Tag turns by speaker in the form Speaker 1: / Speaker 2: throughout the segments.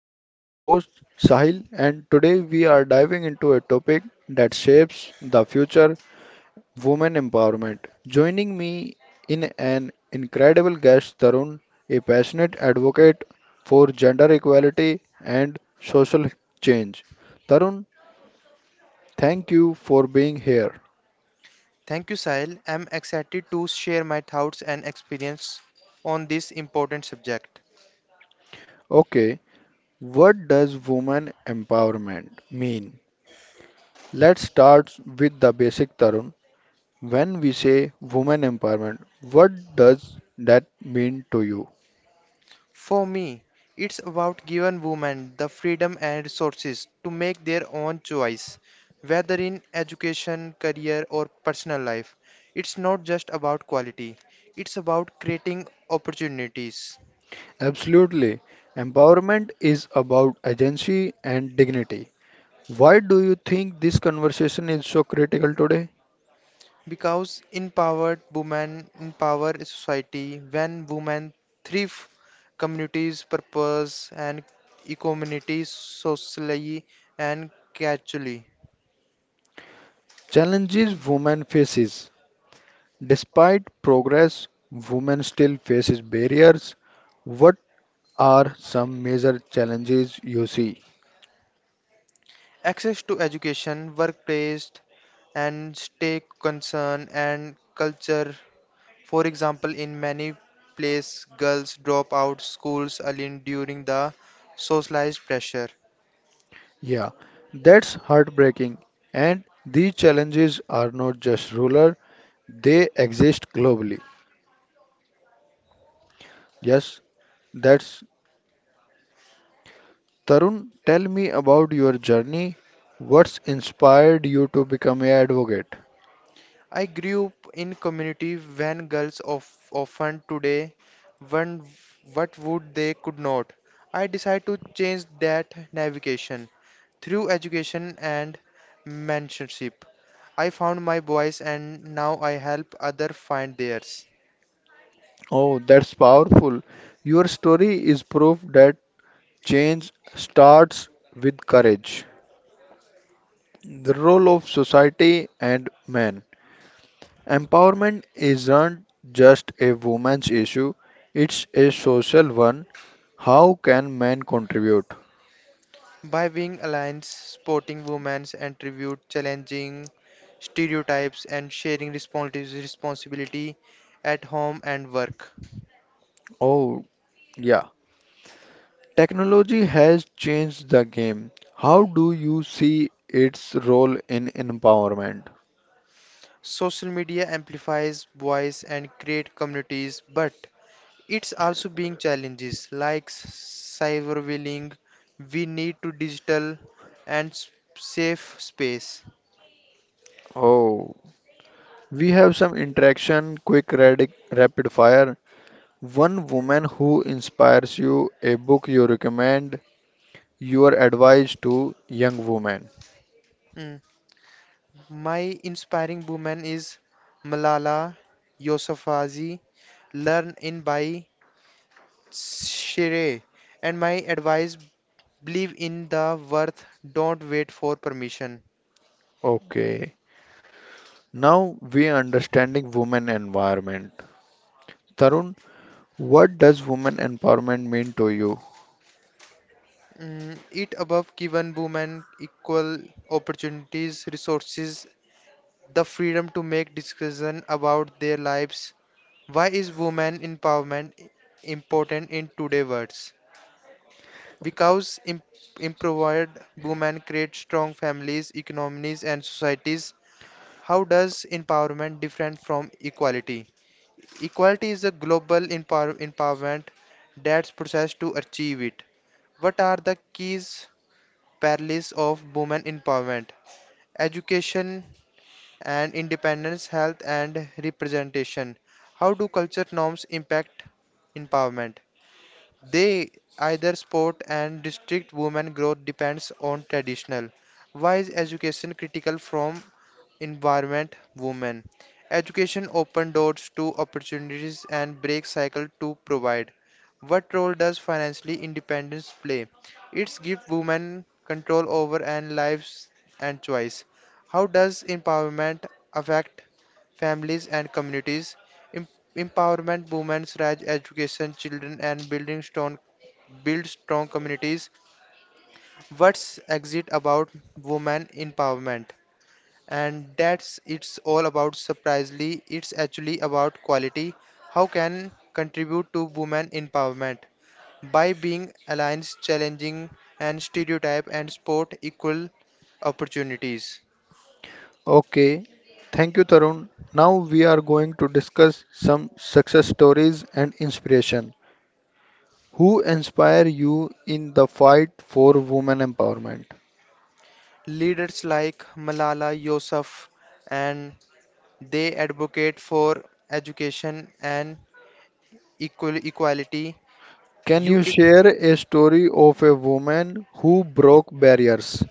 Speaker 1: I am your host Sahil, and today we are diving into a topic that shapes the future: women empowerment. Joining me in an incredible guest Tarun, a passionate advocate for gender equality and social change. Tarun, thank you for being here.
Speaker 2: Thank you, Sahil. I'm excited to share my thoughts and experience on this important subject.
Speaker 1: Okay, what does women empowerment mean? Let's start with the basic Tarun. When we say women empowerment, what does that mean to you?
Speaker 2: For me, it's about giving women the freedom and resources to make their own choice, whether in education, career, or personal life. It's not just about quality, it's about creating opportunities.
Speaker 1: Absolutely. Empowerment is about agency and dignity. Why do you think this conversation is so critical today?
Speaker 2: Because empowered women empower a society. When women thrive, communities purpose and economies socially and culturally.
Speaker 1: Challenges women faces. Despite progress, women still faces barriers. What are some major challenges you see?
Speaker 2: Access to education, workplace, and state concern and culture. For example, in many places, girls drop out schools early during the socialized pressure.
Speaker 1: Yeah, that's heartbreaking. And these challenges are not just rural, they exist globally. Yes, that's Tarun. Tell me about your journey. What's inspired you to become an advocate?
Speaker 2: I grew up in community when girls of often today when what would they could not. I decide to change that navigation through education and mentorship. I found my voice and now I help other find theirs.
Speaker 1: Oh, that's powerful. Your story is proof that change starts with courage. The role of society and man. Empowerment isn't just a woman's issue, it's a social one. How can men contribute?
Speaker 2: By being alliance, supporting women's and tribute, challenging stereotypes and sharing responsibility at home and work.
Speaker 1: Oh, yeah. Technology has changed the game. How do you see its role in empowerment?
Speaker 2: Social media amplifies voice and create communities, but it's also being challenges like cyberbullying. We need to digital and safe space.
Speaker 1: Oh, we have some interaction, quick, rapid fire. One woman who inspires you, a book you recommend, your advice to young women.
Speaker 2: Mm. My inspiring woman is Malala Yousafzai. Learn in by Shire. And my advice: believe in the worth. Don't wait for permission.
Speaker 1: Okay, now we are understanding women empowerment. Tarun, what does women empowerment mean to you?
Speaker 2: It above given women equal opportunities, resources, the freedom to make decision about their lives. Why is women empowerment important in today's world? Because empowered women create strong families, economies, and societies. How does empowerment different from equality? Equality is a global empowerment that's process to achieve it. What are the keys parallels of women empowerment, education and independence, health and representation. How do culture norms impact empowerment? They either support and restrict women growth depends on traditional. Why is education critical from environment, women. Education open doors to opportunities and break cycle to provide. What role does financially independence play? It's give women control over and lives and choice. How does empowerment affect families and communities? Em- Empowerment women's rights, education, children, and building strong build strong communities. What's exit about women empowerment? And that's it's all about surprisingly it's actually about quality. How can contribute to women empowerment by being alliance challenging and stereotype and sport equal opportunities.
Speaker 1: Okay, thank you, Tarun. Now we are going to discuss some success stories and inspiration. Who inspire you in the fight for women empowerment?
Speaker 2: Leaders like Malala Yousaf and they advocate for education and equal equality.
Speaker 1: Can you
Speaker 2: UK.
Speaker 1: share a story of a woman who broke barriers?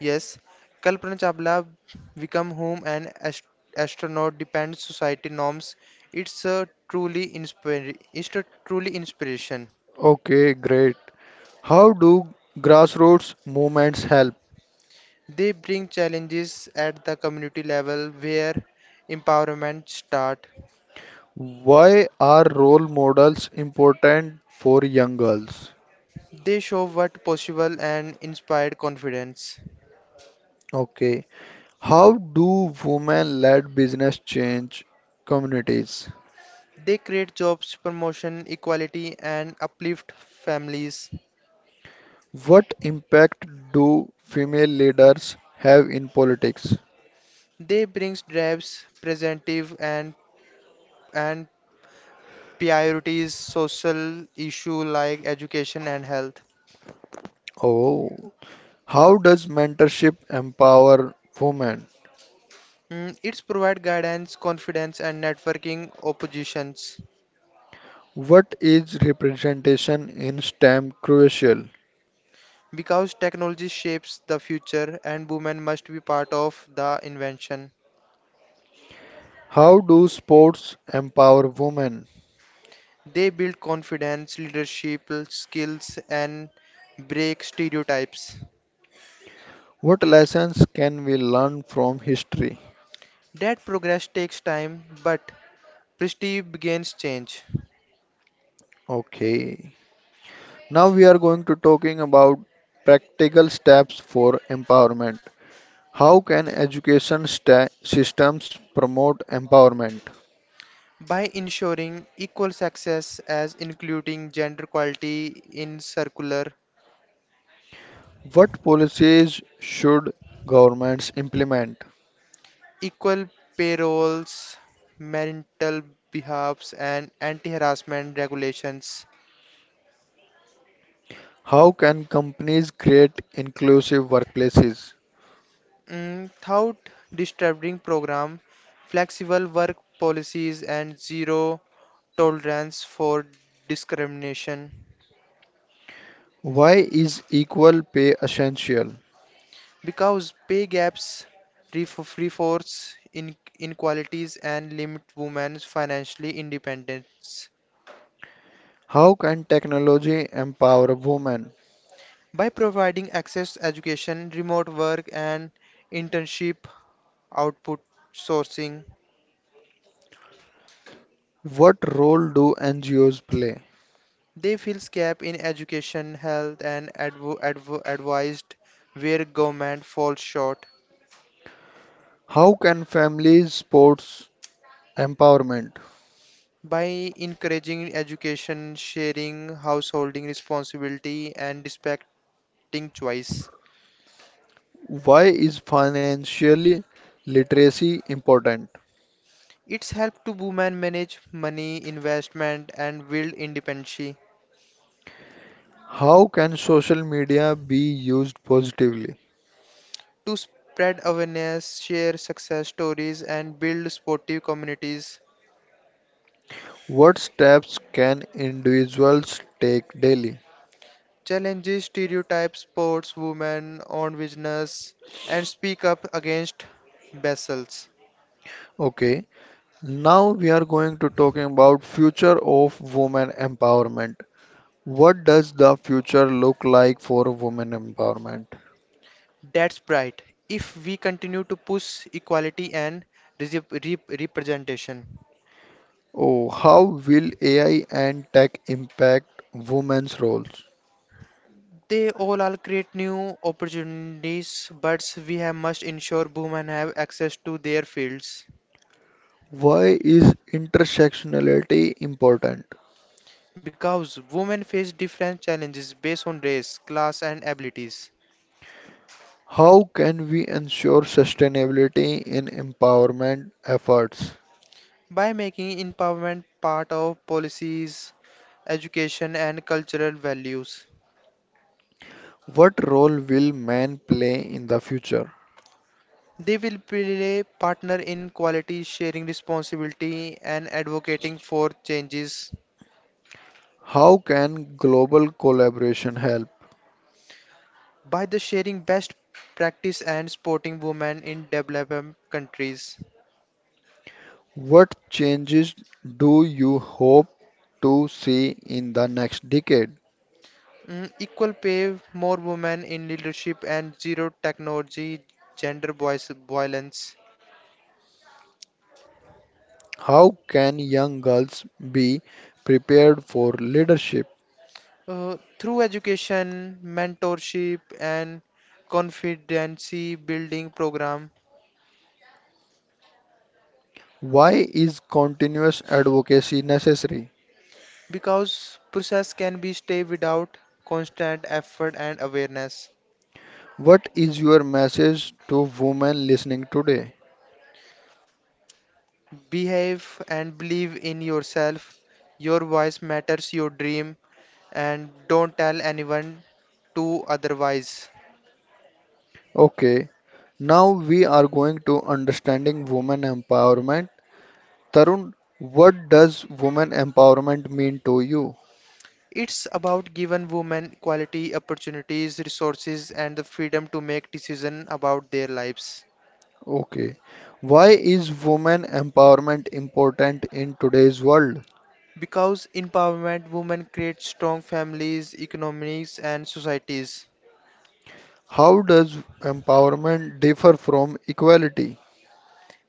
Speaker 2: Yes, Kalpana Chawla become home and astronaut depends society norms. It's a truly inspiration.
Speaker 1: Okay, great. How do grassroots movements help?
Speaker 2: They bring challenges at the community level where empowerment start.
Speaker 1: Why are role models important for young girls?
Speaker 2: They show what possible and inspired confidence.
Speaker 1: Okay. How do women-led business change communities?
Speaker 2: They create jobs, promotion, equality and uplift families.
Speaker 1: What impact do female leaders have in politics?
Speaker 2: They brings drives, presentive and priorities social issue like education and health.
Speaker 1: Oh, how does mentorship empower women?
Speaker 2: It's provide guidance, confidence, and networking oppositions.
Speaker 1: What is representation in STEM crucial?
Speaker 2: Because technology shapes the future, and women must be part of the invention.
Speaker 1: How do sports empower women?
Speaker 2: They build confidence, leadership skills, and break stereotypes.
Speaker 1: What lessons can we learn from history?
Speaker 2: That progress takes time, but prestige begins change.
Speaker 1: Okay. Now we are going to talking about practical steps for empowerment. How can systems promote empowerment?
Speaker 2: By ensuring equal success as including gender equality in circular
Speaker 1: What policies should governments implement?
Speaker 2: equal pay roles, marital behalves, and anti-harassment regulations.
Speaker 1: How can companies create inclusive workplaces?
Speaker 2: Without disturbing program, flexible work policies, and zero tolerance for discrimination.
Speaker 1: Why is equal pay essential?
Speaker 2: Because pay gaps reinforce inequalities and limit women's financial independence.
Speaker 1: How can technology empower women?
Speaker 2: By providing access to education, remote work, and internship output sourcing.
Speaker 1: What role do NGOs play?
Speaker 2: They fills gap in education, health, and advised where government falls short.
Speaker 1: How can families sports empowerment?
Speaker 2: By encouraging education, sharing, householding responsibility, and respecting choice.
Speaker 1: Why is financial literacy important?
Speaker 2: It's helped to women manage money, investment, and build independence.
Speaker 1: How can social media be used positively?
Speaker 2: To spread awareness, share success stories, and build supportive communities.
Speaker 1: What steps can individuals take daily?
Speaker 2: Challenges stereotypes, sports, women, own business, and speak up against vessels.
Speaker 1: Okay, now we are going to talking about future of women empowerment. What does the future look like for women empowerment?
Speaker 2: That's bright. If we continue to push equality and representation,
Speaker 1: Oh, how will AI and tech impact women's roles?
Speaker 2: they all are create new opportunities, but we have must ensure women have access to their fields
Speaker 1: Why is intersectionality important?
Speaker 2: because women face different challenges based on race, class, and abilities.
Speaker 1: How can we ensure sustainability in empowerment efforts?
Speaker 2: By making empowerment part of policies, education, and cultural values,
Speaker 1: What role will men play in the future?
Speaker 2: they will play partner in quality sharing responsibility and advocating for changes
Speaker 1: How can global collaboration help?
Speaker 2: by the sharing best practice and supporting women in developing countries.
Speaker 1: What changes do you hope to see in the next decade?
Speaker 2: Equal pay, more women in leadership, and zero technology gender voice, violence.
Speaker 1: How can young girls be prepared for leadership?
Speaker 2: Through education, mentorship, and competency building program,
Speaker 1: Why is continuous advocacy necessary?
Speaker 2: because process can be stay without constant effort and awareness.
Speaker 1: What is your message to women listening today?
Speaker 2: Behave and believe in yourself. Your voice matters. Your dream and don't tell anyone to otherwise.
Speaker 1: Okay, now we are going to understanding women empowerment. Tarun, what does women empowerment mean to you?
Speaker 2: It's about giving women quality opportunities, resources, and the freedom to make decisions about their lives.
Speaker 1: Okay. Why is women empowerment important in today's world?
Speaker 2: Because empowerment, women create strong families, economies, and societies.
Speaker 1: How does empowerment differ from equality?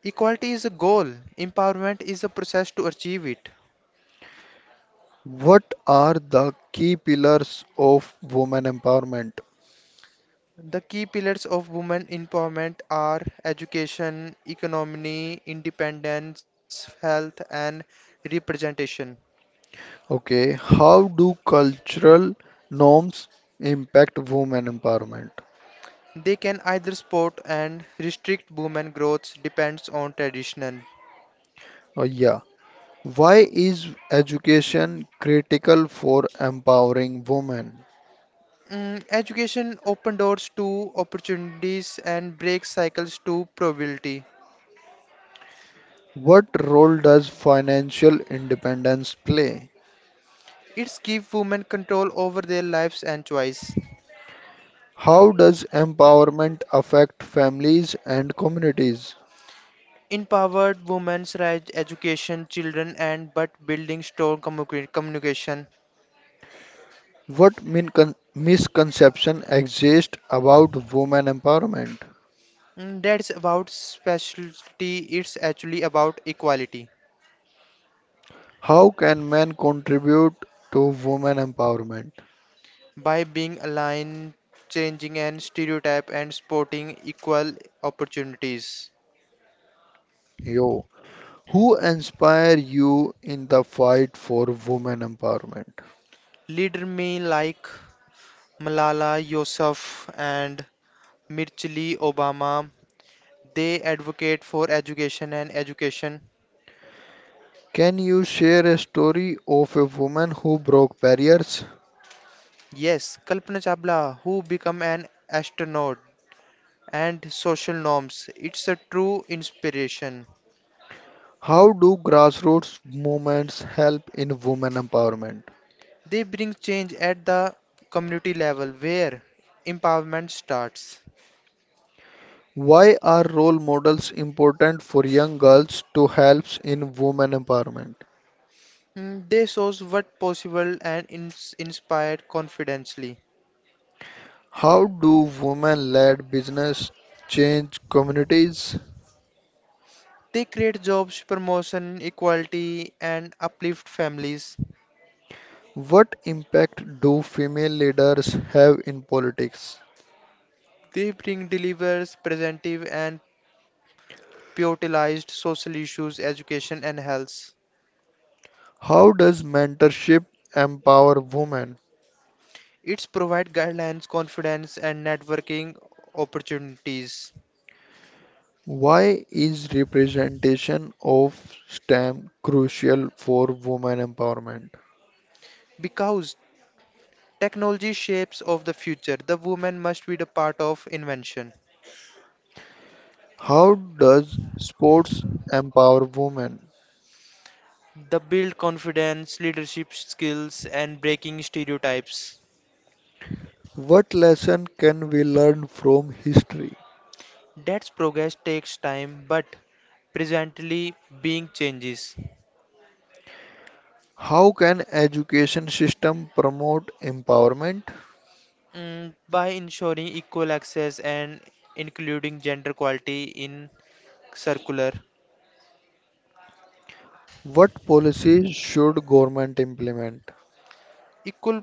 Speaker 2: Equality is a goal, empowerment is a process to achieve it.
Speaker 1: What are the key pillars of women empowerment?
Speaker 2: The key pillars of women empowerment are education, economy, independence, health, and representation.
Speaker 1: Okay. How do cultural norms impact women empowerment?
Speaker 2: They can either support and restrict women growth depends on tradition.
Speaker 1: Oh, yeah. Why is education critical for empowering women?
Speaker 2: Education open doors to opportunities and breaks cycles to probability.
Speaker 1: What role does financial independence play?
Speaker 2: It's give women control over their lives and choice.
Speaker 1: How does empowerment affect families and communities?
Speaker 2: Empowered women's right education, children and but building strong communication.
Speaker 1: What misconception exist about women empowerment?
Speaker 2: That's about specialty. It's actually about equality.
Speaker 1: How can men contribute to women empowerment?
Speaker 2: By being aligned, changing and stereotype and sporting equal opportunities.
Speaker 1: Yo, who inspire you in the fight for women empowerment?
Speaker 2: Leader me like Malala Yousaf and Mirchili Obama, they advocate for education and education.
Speaker 1: Can you share a story of a woman who broke barriers?
Speaker 2: Yes, Kalpana Chabla, who become an astronaut and social norms, it's a true inspiration.
Speaker 1: How do grassroots movements help in women empowerment?
Speaker 2: They bring change at the community level where empowerment starts.
Speaker 1: Why are role models important for young girls to help in women empowerment?
Speaker 2: They shows what possible and ins inspire confidently.
Speaker 1: How do women led business change communities?
Speaker 2: They create jobs, promotion, equality, and uplift families.
Speaker 1: What impact do female leaders have in politics?
Speaker 2: They bring delivers presentive and prioritized social issues, education and health.
Speaker 1: How does mentorship empower women?
Speaker 2: It's provide guidelines, confidence, and networking opportunities.
Speaker 1: Why is representation of STEM crucial for women empowerment?
Speaker 2: Because technology shapes of the future, the woman must be the part of invention.
Speaker 1: How does sports empower women?
Speaker 2: The build confidence, leadership skills, and breaking stereotypes.
Speaker 1: What lesson can we learn from history?
Speaker 2: That's progress takes time, but presently being changes.
Speaker 1: How can education system promote empowerment?
Speaker 2: By ensuring equal access and including gender equality in circular,
Speaker 1: What policies should government implement?
Speaker 2: equal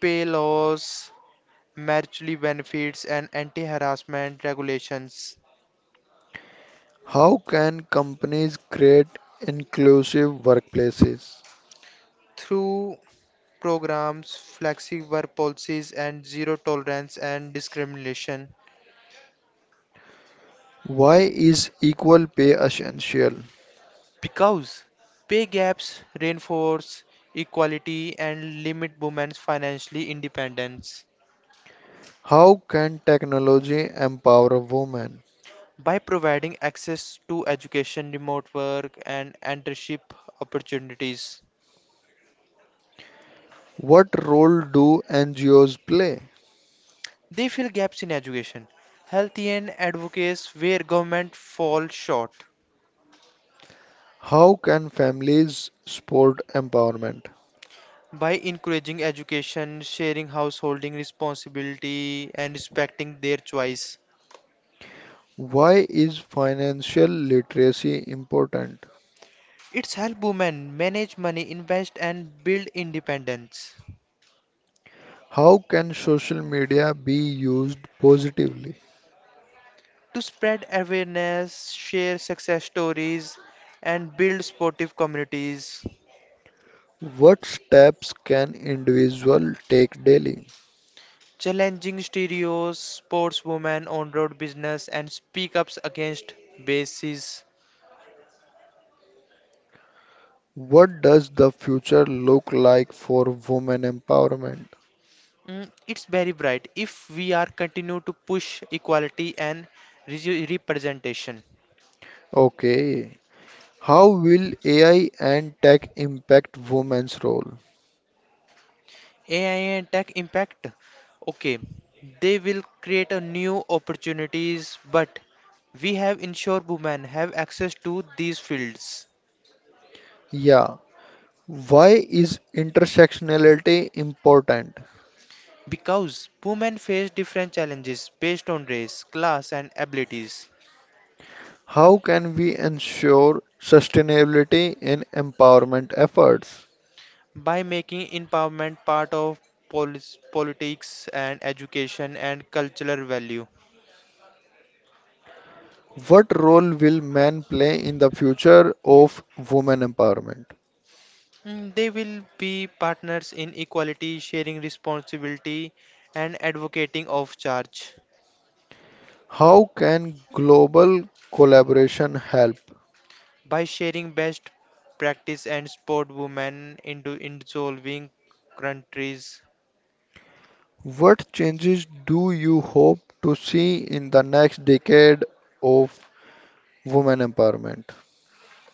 Speaker 2: pay laws, mutually benefits, and anti-harassment regulations.
Speaker 1: How can companies create inclusive workplaces?
Speaker 2: Through programs, flexible work policies, and zero tolerance and discrimination.
Speaker 1: Why is equal pay essential?
Speaker 2: Because pay gaps reinforce equality and limit women's financial independence.
Speaker 1: How can technology empower women?
Speaker 2: By providing access to education, remote work, and entrepreneurship opportunities,
Speaker 1: What role do NGOs play?
Speaker 2: they fill gaps in education, health, and advocates where government falls short.
Speaker 1: How can families support empowerment?
Speaker 2: By encouraging education, sharing householding responsibility, and respecting their choice,
Speaker 1: Why is financial literacy important?
Speaker 2: it's help women manage money, invest, and build independence.
Speaker 1: How can social media be used positively?
Speaker 2: To spread awareness, share success stories, and build sportive communities.
Speaker 1: What steps can individual take daily?
Speaker 2: Challenging stereos, sportswomen, on road business, and speak ups against bases.
Speaker 1: What does the future look like for women empowerment?
Speaker 2: It's very bright if we are continue to push equality and representation.
Speaker 1: Okay. How will AI and tech impact women's role?
Speaker 2: AI and tech impact. Okay, they will create a new opportunities, but we have ensure women have access to these fields.
Speaker 1: Yeah. Why is intersectionality important?
Speaker 2: Because women face different challenges based on race, class, and abilities.
Speaker 1: How can we ensure sustainability in empowerment efforts?
Speaker 2: By making empowerment part of politics and education and cultural value,
Speaker 1: What role will men play in the future of women empowerment?
Speaker 2: they will be partners in equality, sharing responsibility, and advocating of charge.
Speaker 1: How can global collaboration help?
Speaker 2: By sharing best practice and support women into in solving countries.
Speaker 1: What changes do you hope to see in the next decade of women empowerment?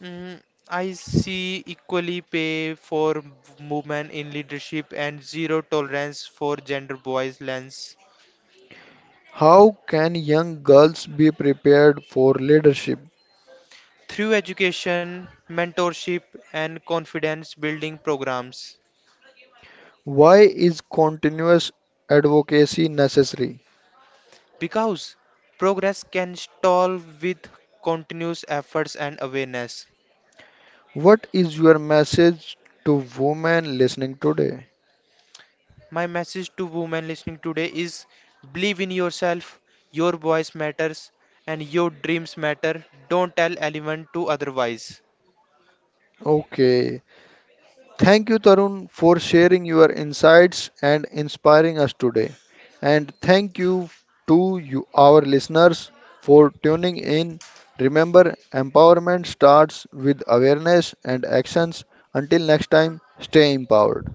Speaker 2: Mm, I see equally pay for women in leadership and zero tolerance for gender bias lens
Speaker 1: How can young girls be prepared for leadership?
Speaker 2: through education, mentorship, and confidence building programs.
Speaker 1: Why is continuous advocacy necessary?
Speaker 2: Because progress can stall with continuous efforts and awareness.
Speaker 1: What is your message to women listening today?
Speaker 2: My message to women listening today is believe in yourself, your voice matters, and your dreams matter. Don't tell anyone to otherwise.
Speaker 1: Okay, thank you, Tarun, for sharing your insights and inspiring us today. And thank you to you, our listeners, for tuning in. Remember, empowerment starts with awareness and actions. Until next time, stay empowered.